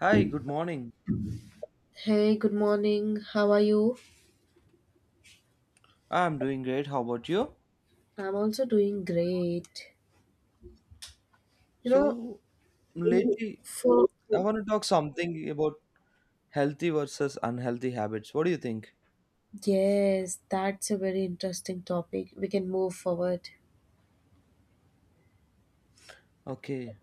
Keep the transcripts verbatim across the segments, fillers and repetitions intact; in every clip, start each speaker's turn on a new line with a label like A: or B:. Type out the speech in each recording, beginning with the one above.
A: Hi, good morning.
B: Hey, good morning. How are you?
A: I'm doing great. How about you?
B: I'm also doing great. You know,
A: So, lately,
B: for
A: I want to talk something about healthy versus unhealthy habits. What do you think?
B: yes, that's a very interesting topic. We can move forward.
A: Okay.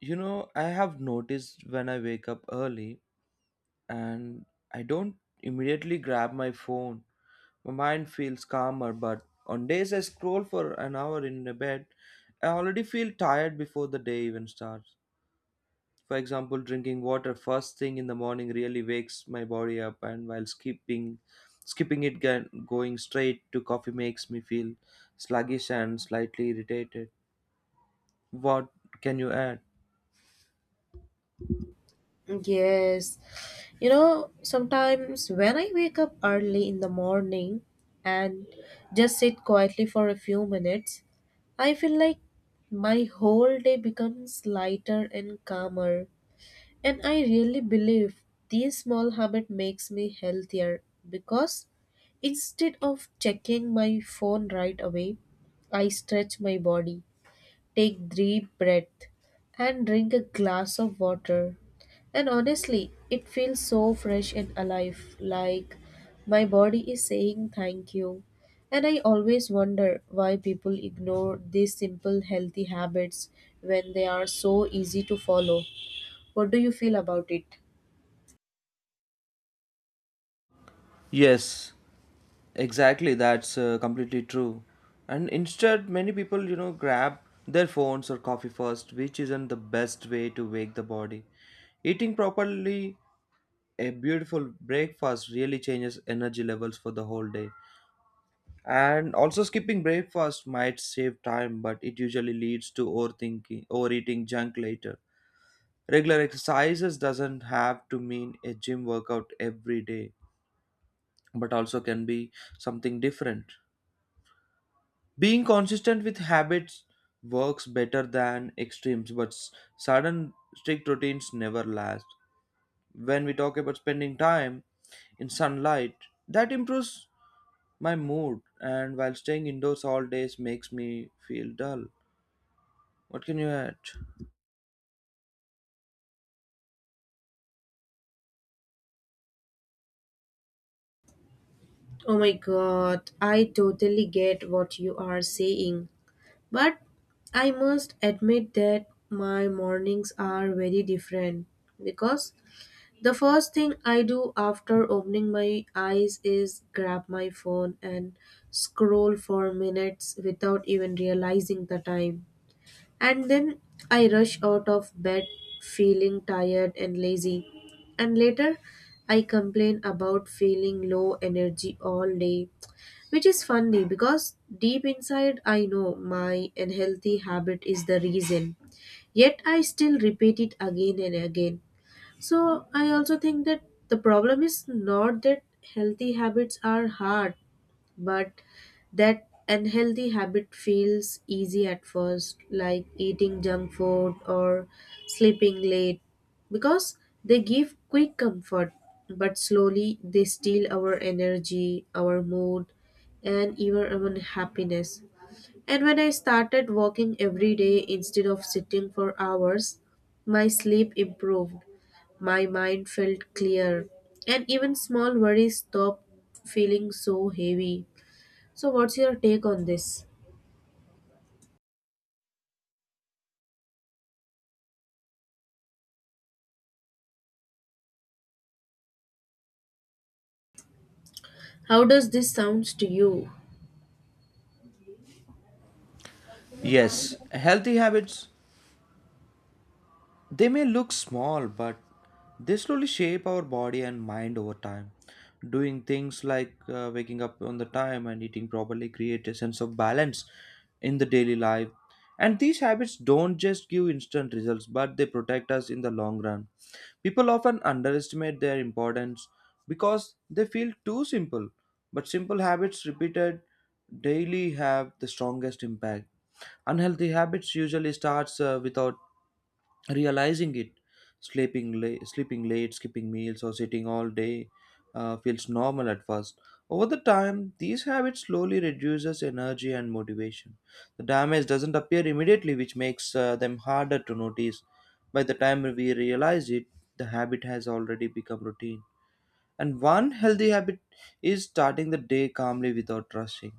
A: You know, I have noticed when I wake up early and I don't immediately grab my phone. My mind feels calmer, but on days I scroll for an hour in the bed, I already feel tired before the day even starts. For example, drinking water first thing in the morning really wakes my body up, and while skipping, skipping it gan- going straight to coffee makes me feel sluggish and slightly irritated. What can you add?
B: Yes. You know, sometimes when I wake up early in the morning and just sit quietly for a few minutes, I feel like my whole day becomes lighter and calmer. And I really believe this small habit makes me healthier because instead of checking my phone right away, I stretch my body, take deep breath, and drink a glass of water. And honestly, it feels so fresh and alive, like my body is saying thank you. And I always wonder why people ignore these simple healthy habits when they are so easy to follow. What do you feel about it?
A: Yes, exactly. That's uh, completely true. And instead, many people, you know, grab their phones or coffee first, which isn't the best way to wake the body. Eating properly a beautiful breakfast really changes energy levels for the whole day. And also skipping breakfast might save time, but it usually leads to overthinking, overeating junk later. Regular exercises doesn't have to mean a gym workout every day, but also can be something different. Being consistent with habits works better than extremes, but s- sudden strict routines never last. When we talk about spending time in sunlight, that improves my mood, and while staying indoors all days makes me feel dull. What can you add?
B: Oh my god, I totally get what you are saying. But I must admit that my mornings are very different because the first thing I do after opening my eyes is grab my phone and scroll for minutes without even realizing the time. And then I rush out of bed feeling tired and lazy. And later I complain about feeling low energy all day, which is funny because deep inside I know my unhealthy habit is the reason. Yet I still repeat it again and again. So I also think that the problem is not that healthy habits are hard, but that unhealthy habit feels easy at first, like eating junk food or sleeping late, because they give quick comfort, but slowly they steal our energy, our mood, and even our happiness. And when I started walking every day instead of sitting for hours, my sleep improved, my mind felt clear, and even small worries stopped feeling so heavy. So, what's your take on this? How does this sound to you?
A: Yes, healthy habits. They may look small, but they slowly shape our body and mind over time. Doing things like uh, waking up on the time and eating properly create a sense of balance in the daily life. And these habits don't just give instant results, but they protect us in the long run. People often underestimate their importance because they feel too simple, but simple habits repeated daily have the strongest impact. Unhealthy habits usually starts uh, without realizing it. Sleeping late sleeping late skipping meals, or sitting all day uh, feels normal at first. Over the time, these habits slowly reduces energy and motivation. The damage doesn't appear immediately, which makes uh, them harder to notice. By the time we realize it, the habit has already become routine. And one healthy habit is starting the day calmly without rushing.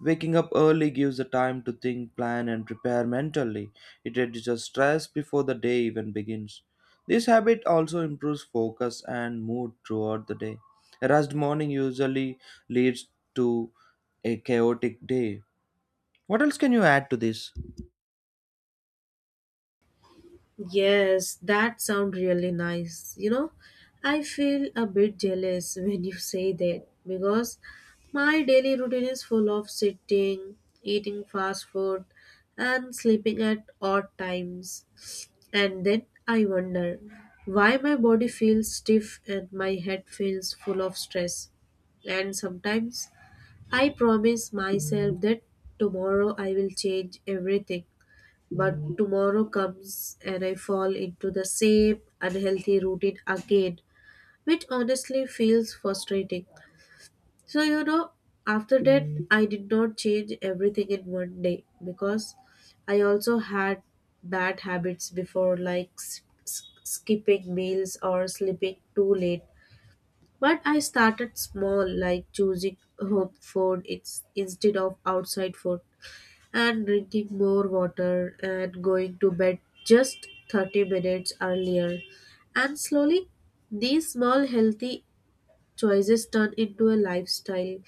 A: Waking up early gives the time to think, plan, and prepare mentally. It reduces stress before the day even begins. This habit also improves focus and mood throughout the day. A rushed morning usually leads to a chaotic day. What else can you add to this?
B: Yes, that sounds really nice. You know, I feel a bit jealous when you say that because my daily routine is full of sitting, eating fast food, and sleeping at odd times. And then I wonder why my body feels stiff and my head feels full of stress. And sometimes I promise myself that tomorrow I will change everything, but tomorrow comes and I fall into the same unhealthy routine again, which honestly feels frustrating. So, you know, after that, I did not change everything in one day because I also had bad habits before, like s- s- skipping meals or sleeping too late. But I started small, like choosing home food ins- instead of outside food and drinking more water and going to bed just thirty minutes earlier. And slowly, these small healthy choices turn into a lifestyle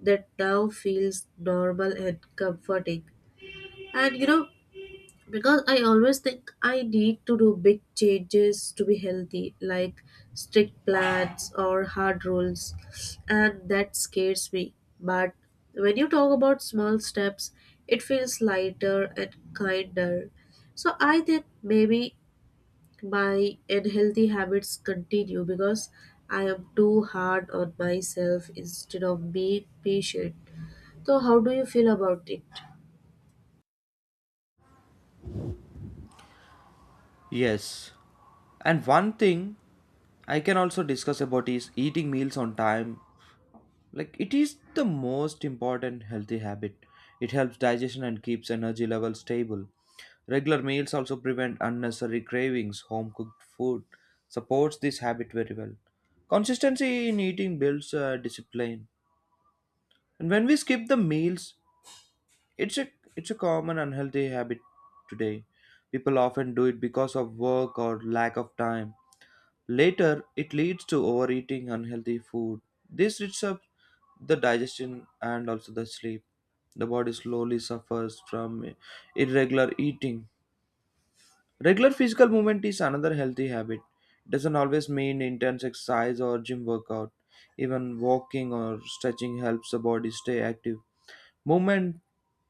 B: that now feels normal and comforting. And you know, because I always think I need to do big changes to be healthy, like strict plans or hard rules, and that scares me. But when you talk about small steps, it feels lighter and kinder. So I think maybe my unhealthy habits continue because I am too hard on myself instead of being patient. So how do you feel about it?
A: Yes. And one thing I can also discuss about is eating meals on time. Like it is the most important healthy habit. It helps digestion and keeps energy levels stable. Regular meals also prevent unnecessary cravings. Home cooked food supports this habit very well. Consistency in eating builds uh, discipline. And when we skip the meals, it's a it's a common unhealthy habit today. People often do it because of work or lack of time. Later, it leads to overeating unhealthy food. This disrupts the digestion and also the sleep. The body slowly suffers from irregular eating. Regular physical movement is another healthy habit. It doesn't always mean intense exercise or gym workout. Even walking or stretching helps the body stay active. Movement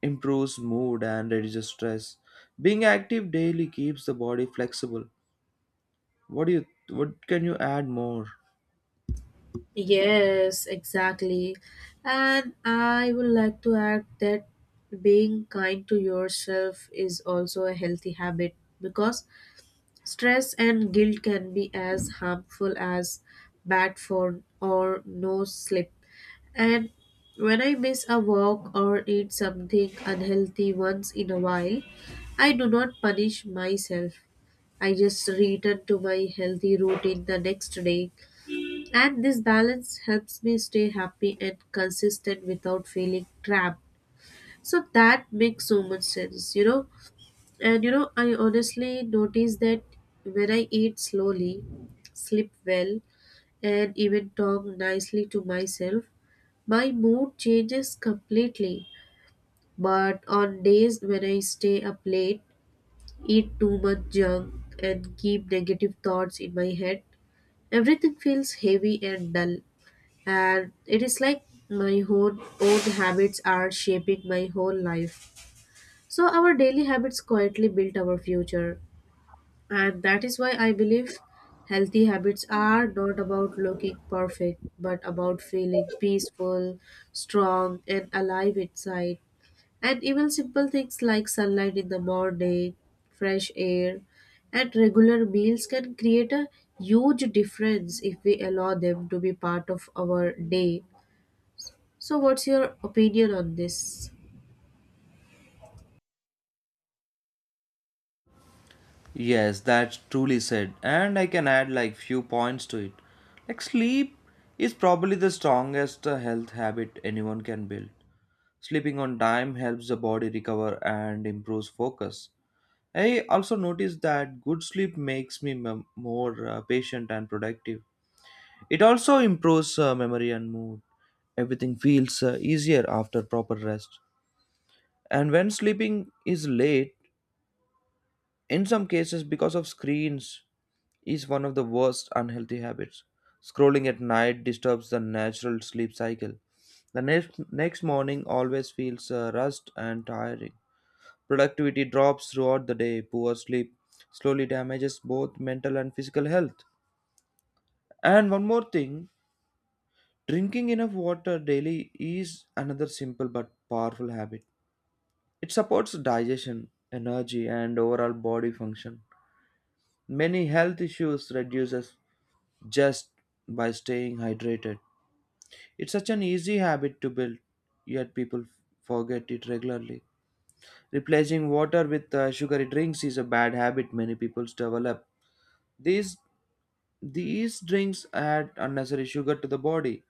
A: improves mood and reduces stress. Being active daily keeps the body flexible. What do you what can you add more?
B: Yes, exactly. And I would like to add that being kind to yourself is also a healthy habit because stress and guilt can be as harmful as bad for or no sleep. And when I miss a walk or eat something unhealthy once in a while, I do not punish myself. I just return to my healthy routine the next day, and this balance helps me stay happy and consistent without feeling trapped. So that makes so much sense, you know. And you know, I honestly notice that when I eat slowly, sleep well, and even talk nicely to myself, my mood changes completely. But on days when I stay up late, eat too much junk, and keep negative thoughts in my head, everything feels heavy and dull, and it is like my own own habits are shaping my whole life. So our daily habits quietly build our future, and that is why I believe healthy habits are not about looking perfect but about feeling peaceful, strong, and alive inside. And even simple things like sunlight in the morning, fresh air, and regular meals can create a huge difference if we allow them to be part of our day. So, what's your opinion on this?
A: Yes, that's truly said. And I can add like few points to it. Like sleep is probably the strongest uh, health habit anyone can build. Sleeping on time helps the body recover and improves focus. I also noticed that good sleep makes me mem- more uh, patient and productive. It also improves uh, memory and mood. Everything feels uh, easier after proper rest. And when sleeping is late, in some cases because of screens, is one of the worst unhealthy habits. Scrolling at night disturbs the natural sleep cycle. The next, next morning always feels uh, rushed and tiring. Productivity drops throughout the day, poor sleep slowly damages both mental and physical health. And one more thing, drinking enough water daily is another simple but powerful habit. It supports digestion, energy, and overall body function. Many health issues reduces just by staying hydrated. It's such an easy habit to build, yet people forget it regularly. Replacing water with uh, sugary drinks is a bad habit many people develop. These These drinks add unnecessary sugar to the body.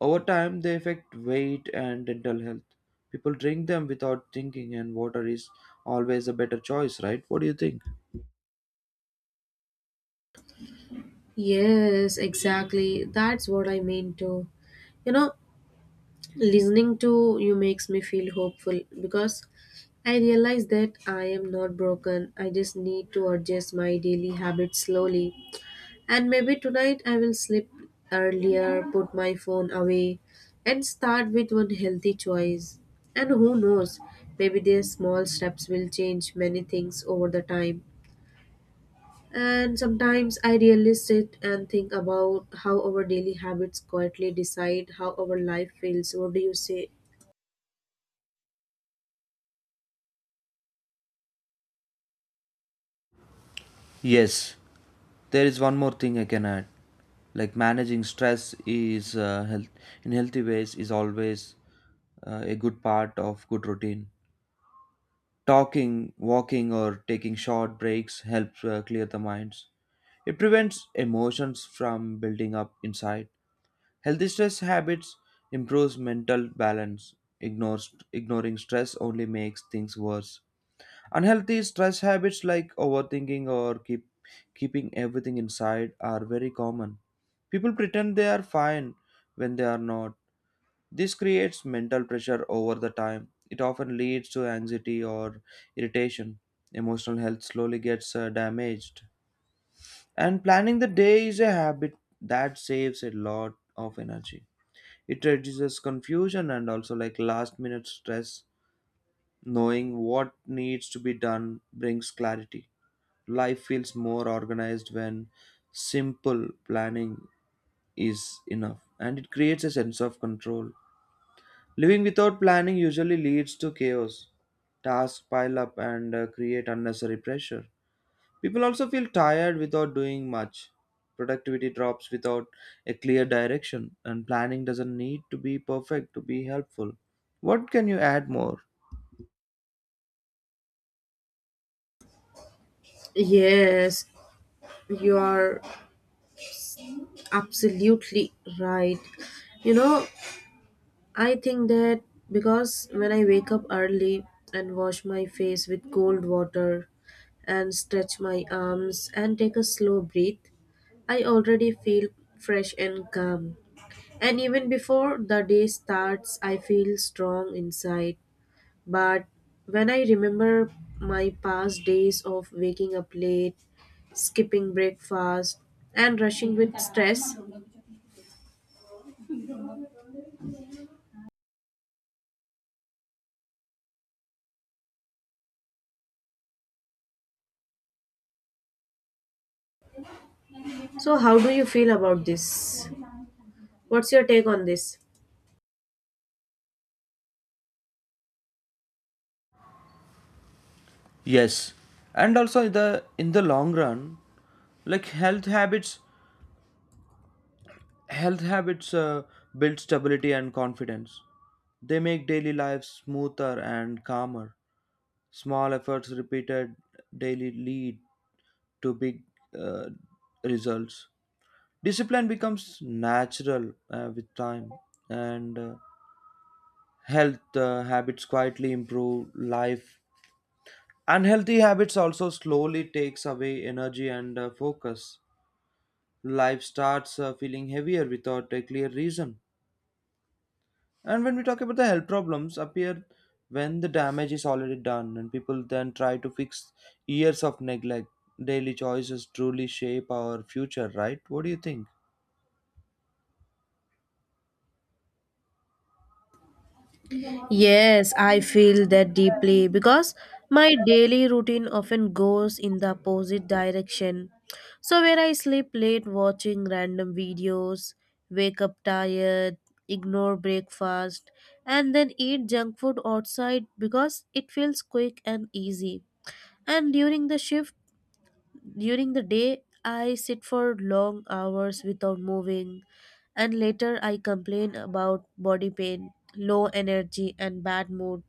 A: Over time, they affect weight and dental health. People drink them without thinking, and water is always a better choice, right? What do you think?
B: Yes, exactly. That's what I mean too. You know, Listening to you makes me feel hopeful because I realize that I am not broken. I just need to adjust my daily habits slowly. And maybe tonight I will sleep earlier, put my phone away, and start with one healthy choice. And who knows, maybe these small steps will change many things over the time. And sometimes I really sit and think about how our daily habits quietly decide how our life feels. What do you say?
A: Yes, there is one more thing I can add. Like managing stress is uh, health in healthy ways is always uh, a good part of good routine. Talking, walking, or taking short breaks helps uh, clear the minds. It prevents emotions from building up inside. Healthy stress habits improves mental balance. Ignores, ignoring stress only makes things worse. Unhealthy stress habits like overthinking or keep, keeping everything inside are very common. People pretend they are fine when they are not. This creates mental pressure over the time. It often leads to anxiety or irritation. Emotional health slowly gets uh, damaged. And planning the day is a habit that saves a lot of energy. It reduces confusion and also like last minute stress. Knowing what needs to be done brings clarity. Life feels more organized when simple planning is enough, and it creates a sense of control. Living without planning usually leads to chaos. Tasks pile up and uh, create unnecessary pressure. People also feel tired without doing much. Productivity drops without a clear direction, and planning doesn't need to be perfect to be helpful. What can you add more?
B: Yes, you are absolutely right. You know, I think that because when I wake up early and wash my face with cold water and stretch my arms and take a slow breath, I already feel fresh and calm. And even before the day starts, I feel strong inside. But when I remember my past days of waking up late, skipping breakfast, and rushing with stress, so how do you feel about this? What's your take on this?
A: Yes, and also in the in the long run, like health habits, health habits uh, build stability and confidence. They make daily life smoother and calmer. Small efforts repeated daily lead to big uh, results. Discipline becomes natural uh, with time, and uh, health uh, habits quietly improve life. Unhealthy habits also slowly takes away energy and uh, focus. Life starts uh, feeling heavier without a clear reason. And when we talk about the health problems, appear when the damage is already done, and people then try to fix years of neglect. Daily choices truly shape our future, right? What do you think?
B: Yes, I feel that deeply because my daily routine often goes in the opposite direction. So, where I sleep late watching random videos, wake up tired, ignore breakfast, and then eat junk food outside because it feels quick and easy. And during the shift, during the day, I sit for long hours without moving, and later I complain about body pain, low energy, and bad mood.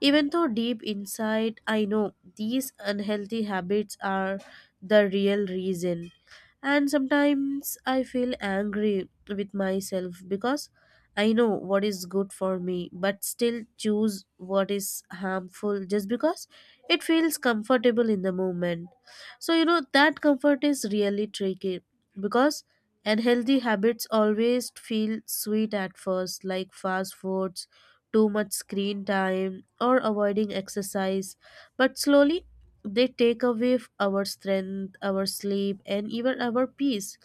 B: Even though deep inside I know these unhealthy habits are the real reason. And sometimes I feel angry with myself because I know what is good for me, but still choose what is harmful just because it feels comfortable in the moment. So, you know, that comfort is really tricky because unhealthy habits always feel sweet at first, like fast foods, too much screen time, or avoiding exercise. But slowly, they take away f- our strength, our sleep, and even our peace.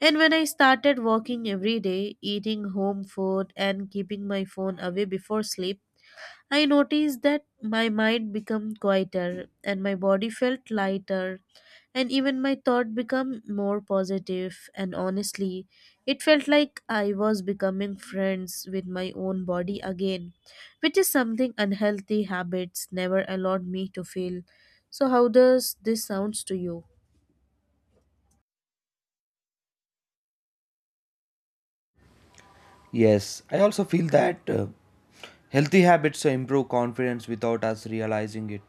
B: And when I started walking every day, eating home food, and keeping my phone away before sleep, I noticed that my mind became quieter and my body felt lighter, and even my thought became more positive. And honestly, it felt like I was becoming friends with my own body again, which is something unhealthy habits never allowed me to feel. So, how does this sounds to you?
A: Yes, I also feel that. uh, Healthy habits improve confidence without us realizing it.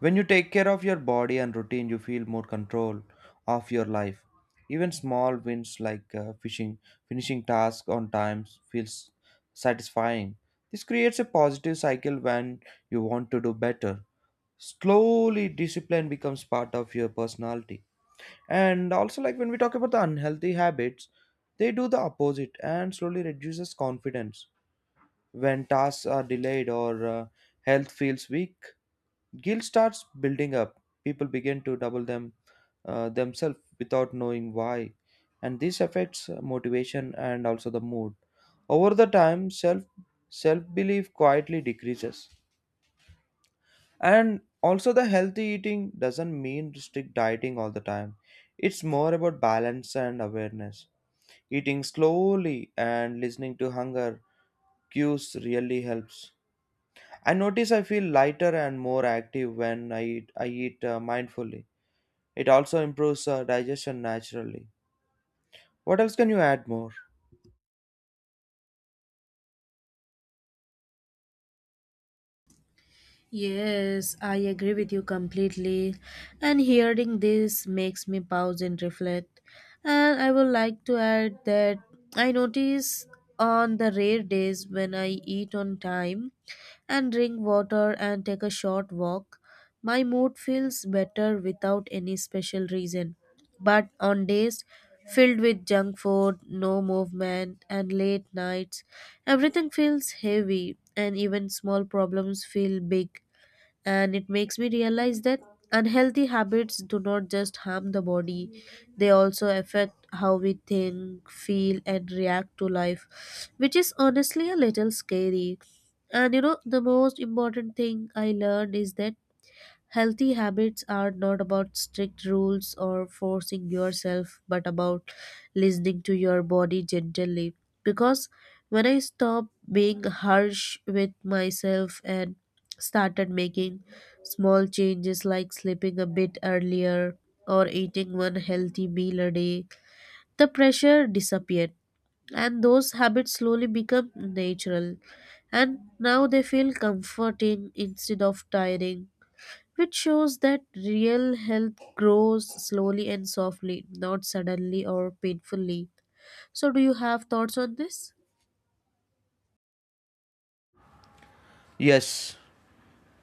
A: When you take care of your body and routine, you feel more control of your life. Even small wins like uh, fishing, finishing tasks on time feels satisfying. This creates a positive cycle when you want to do better. Slowly, discipline becomes part of your personality. And also, like when we talk about the unhealthy habits, they do the opposite and slowly reduces confidence when tasks are delayed or uh, health feels weak, guilt starts building up. People begin to double them uh, themselves without knowing why, and this affects uh, motivation and also the mood. Over the time, self self belief quietly decreases. And also, the healthy eating doesn't mean strict dieting all the time. It's more about balance and awareness. Eating slowly and listening to hunger cues really helps. I notice I feel lighter and more active when I eat, I eat uh, mindfully. It also improves uh, digestion naturally. What else can you add more?
B: Yes, I agree with you completely. And hearing this makes me pause and reflect. And I would like to add that I notice on the rare days when I eat on time and drink water and take a short walk, my mood feels better without any special reason. But on days filled with junk food, no movement, and late nights, everything feels heavy, and even small problems feel big, and it makes me realize that unhealthy habits do not just harm the body. They also affect how we think, feel, and react to life, which is honestly a little scary. And you know the most important thing I learned is that healthy habits are not about strict rules or forcing yourself, but about listening to your body gently. Because when I stopped being harsh with myself and started making small changes like sleeping a bit earlier or eating one healthy meal a day, the pressure disappeared. And those habits slowly become natural. And now they feel comforting instead of tiring, which shows that real health grows slowly and softly, not suddenly or painfully. So, do you have thoughts on this?
A: Yes,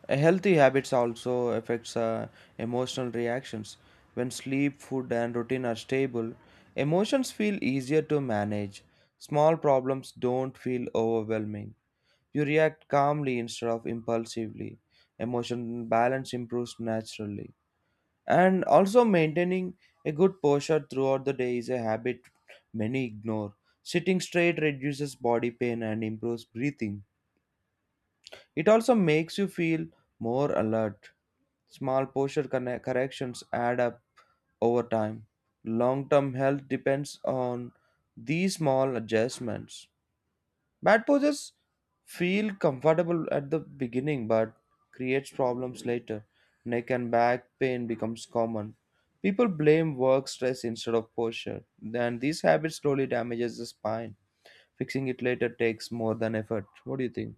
A: a healthy habits also affects uh, emotional reactions. When sleep, food, and routine are stable, emotions feel easier to manage. Small problems don't feel overwhelming. You react calmly instead of impulsively. Emotion balance improves naturally. And also, maintaining a good posture throughout the day is a habit many ignore. Sitting straight reduces body pain and improves breathing. It also makes you feel more alert. Small posture conne- corrections add up over time. Long term health depends on these small adjustments. Bad poses feel comfortable at the beginning but creates problems later. Neck and back pain becomes common. People blame work stress instead of posture. Then these habits slowly damages the spine. Fixing it later takes more than effort. What do you think?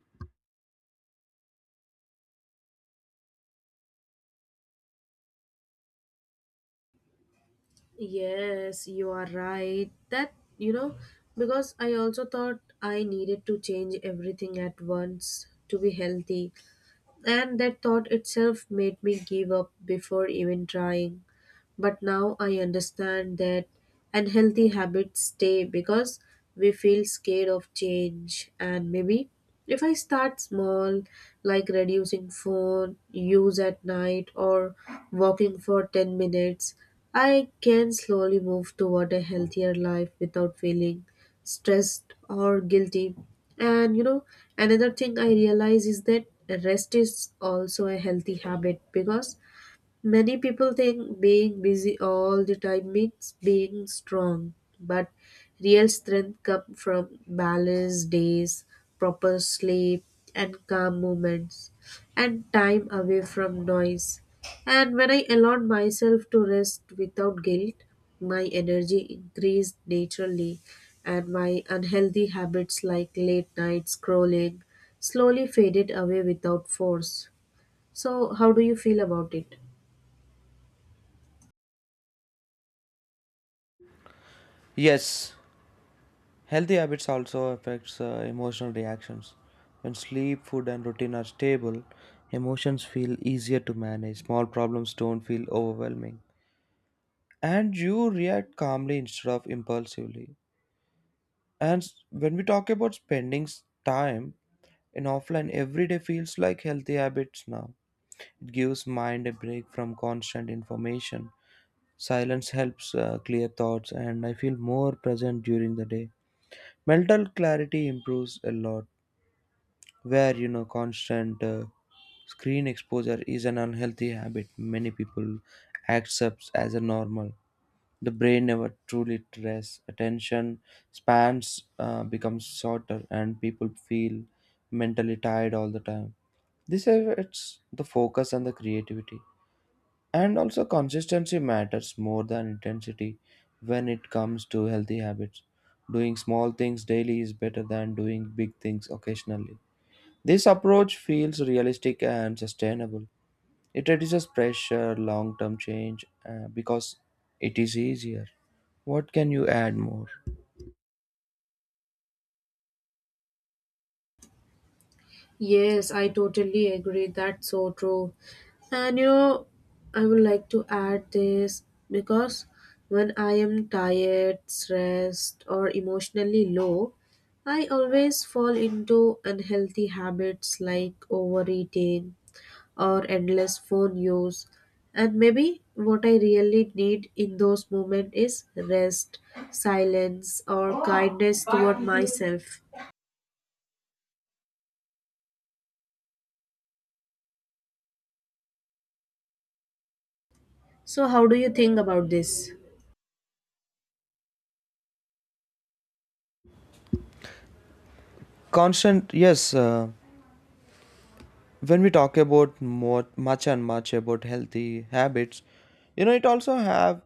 B: Yes, you are right. That, you know, because I also thought I needed to change everything at once to be healthy. And that thought itself made me give up before even trying. But now I understand that unhealthy habits stay because we feel scared of change. And maybe if I start small, like reducing phone use at night or walking for ten minutes, I can slowly move toward a healthier life without feeling stressed or guilty. And you know, another thing I realize is that rest is also a healthy habit because many people think being busy all the time means being strong, but real strength comes from balanced days, proper sleep, and calm moments, and time away from noise. And when I allowed myself to rest without guilt, my energy increased naturally, and my unhealthy habits like late night scrolling slowly faded away without force. So, how do you feel about it?
A: Yes, healthy habits also affects uh, emotional reactions. When sleep, food and routine are stable, emotions feel easier to manage. Small problems don't feel overwhelming. and you react calmly instead of impulsively. And s- when we talk about spending s- time in offline, every day feels like healthy habits now. It gives mind a break from constant information. Silence helps uh, clear thoughts, and I feel more present during the day. Mental clarity improves a lot, where you know constant uh, screen exposure is an unhealthy habit many people accepts as a normal. The brain never truly rests. Attention spans uh, become shorter, and people feel mentally tired all the time. This affects the focus and the creativity. And also, consistency matters more than intensity when it comes to healthy habits. Doing small things daily is better than doing big things occasionally. This approach feels realistic and sustainable. It reduces pressure, long term change, uh, because it is easier. What can you add more?
B: Yes, I totally agree. That's so true. And you know, I would like to add this because when I am tired, stressed, or emotionally low, I always fall into unhealthy habits like overeating or endless phone use. And maybe what I really need in those moments is rest, silence, or kindness toward myself. So, how do you think about this?
A: Constant, yes. Uh, when we talk about more, much and much about healthy habits, you know, it also have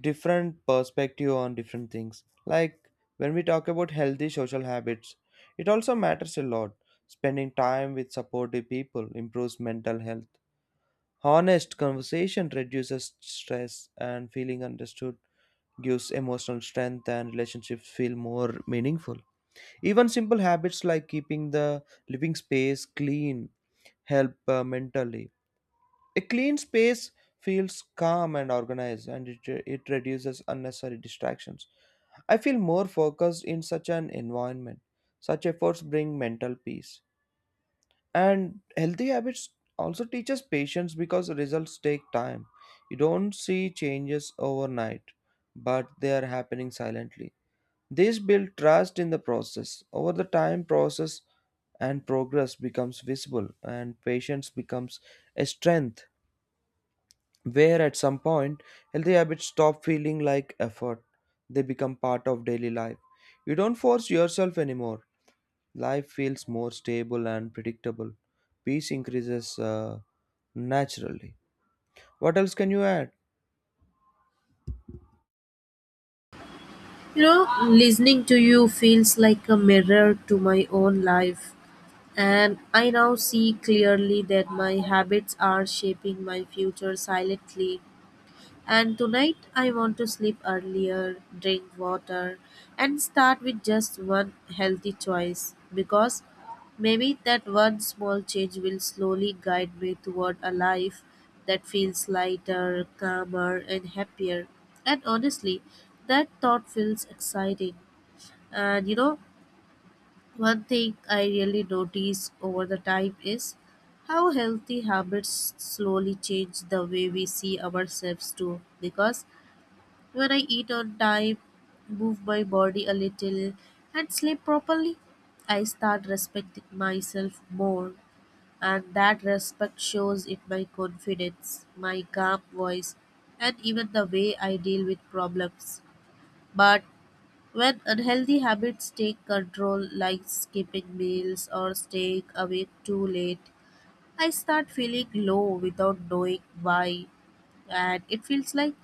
A: different perspective on different things. Like when we talk about healthy social habits, it also matters a lot. Spending time with supportive people improves mental health. Honest conversation reduces stress, and feeling understood gives emotional strength, and relationships feel more meaningful. Even simple habits like keeping the living space clean help uh, mentally. A clean space feels calm and organized, and it, it reduces unnecessary distractions. I feel more focused in such an environment. Such efforts bring mental peace, and healthy habits also teaches patience because results take time. You don't see changes overnight, but they are happening silently. This build trust in the process. Over the time, process and progress becomes visible, and patience becomes a strength. Where at some point, healthy habits stop feeling like effort. They become part of daily life. You don't force yourself anymore. Life feels more stable and predictable. Peace increases uh, naturally. What else can you add?
B: you know Listening to you feels like a mirror to my own life, and I now see clearly that my habits are shaping my future silently. And tonight I want to sleep earlier, drink water, and start with just one healthy choice because maybe that one small change will slowly guide me toward a life that feels lighter, calmer, and happier. And honestly, that thought feels exciting. And you know, one thing I really notice over the time is how healthy habits slowly change the way we see ourselves too, because when I eat on time, move my body a little, and sleep properly, I start respecting myself more. And that respect shows in my confidence, my calm voice, and even the way I deal with problems. But when unhealthy habits take control, like skipping meals or staying awake too late, I start feeling low without knowing why, and it feels like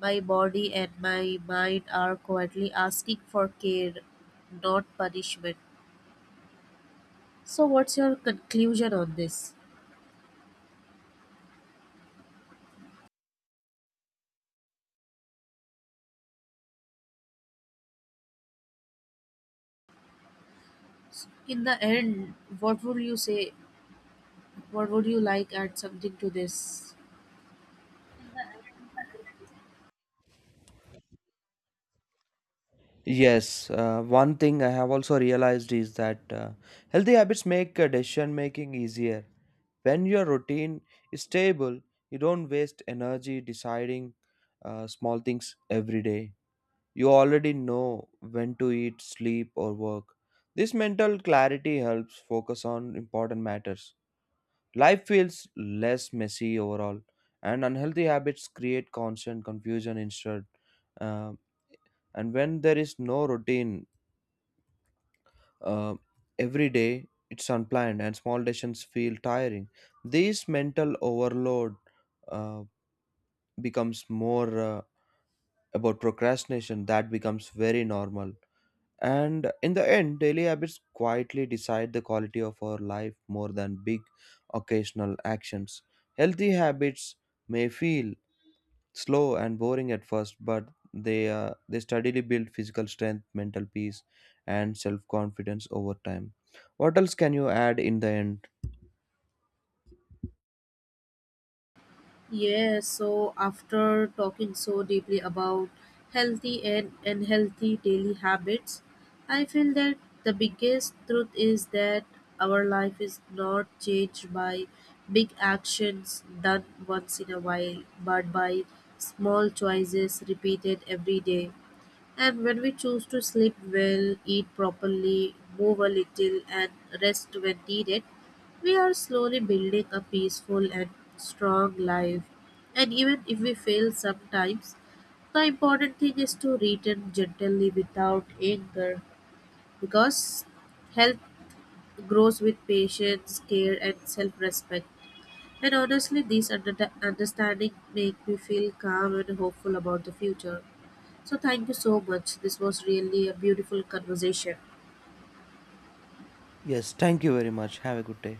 B: my body and my mind are quietly asking for care, not punishment. So, what's your conclusion on this? In the end, what would you say? What would you like add something to this?
A: Yes, uh, one thing I have also realized is that uh, healthy habits make uh, decision making easier. When your routine is stable, you don't waste energy deciding uh, small things every day. You already know when to eat, sleep, or work. This mental clarity helps focus on important matters. Life feels less messy overall, and unhealthy habits create constant confusion instead. Um, and when there is no routine uh, every day, it's unplanned, and small decisions feel tiring. This mental overload uh, becomes more uh, about procrastination that becomes very normal. And in the end, daily habits quietly decide the quality of our life more than big occasional actions. Healthy habits may feel slow and boring at first, but they, uh, they steadily build physical strength, mental peace, and self confidence over time. What else can you add in the end?
B: Yeah, so after talking so deeply about healthy and unhealthy daily habits, I feel that the biggest truth is that our life is not changed by big actions done once in a while, but by small choices repeated every day. And when we choose to sleep well, eat properly, move a little, and rest when needed, we are slowly building a peaceful and strong life. And even if we fail sometimes, the important thing is to return gently without anger because health grows with patience, care, and self respect. And honestly, this under- understanding make me feel calm and hopeful about the future. So, thank you so much. This was really a beautiful conversation.
A: Yes, thank you very much. Have a good day.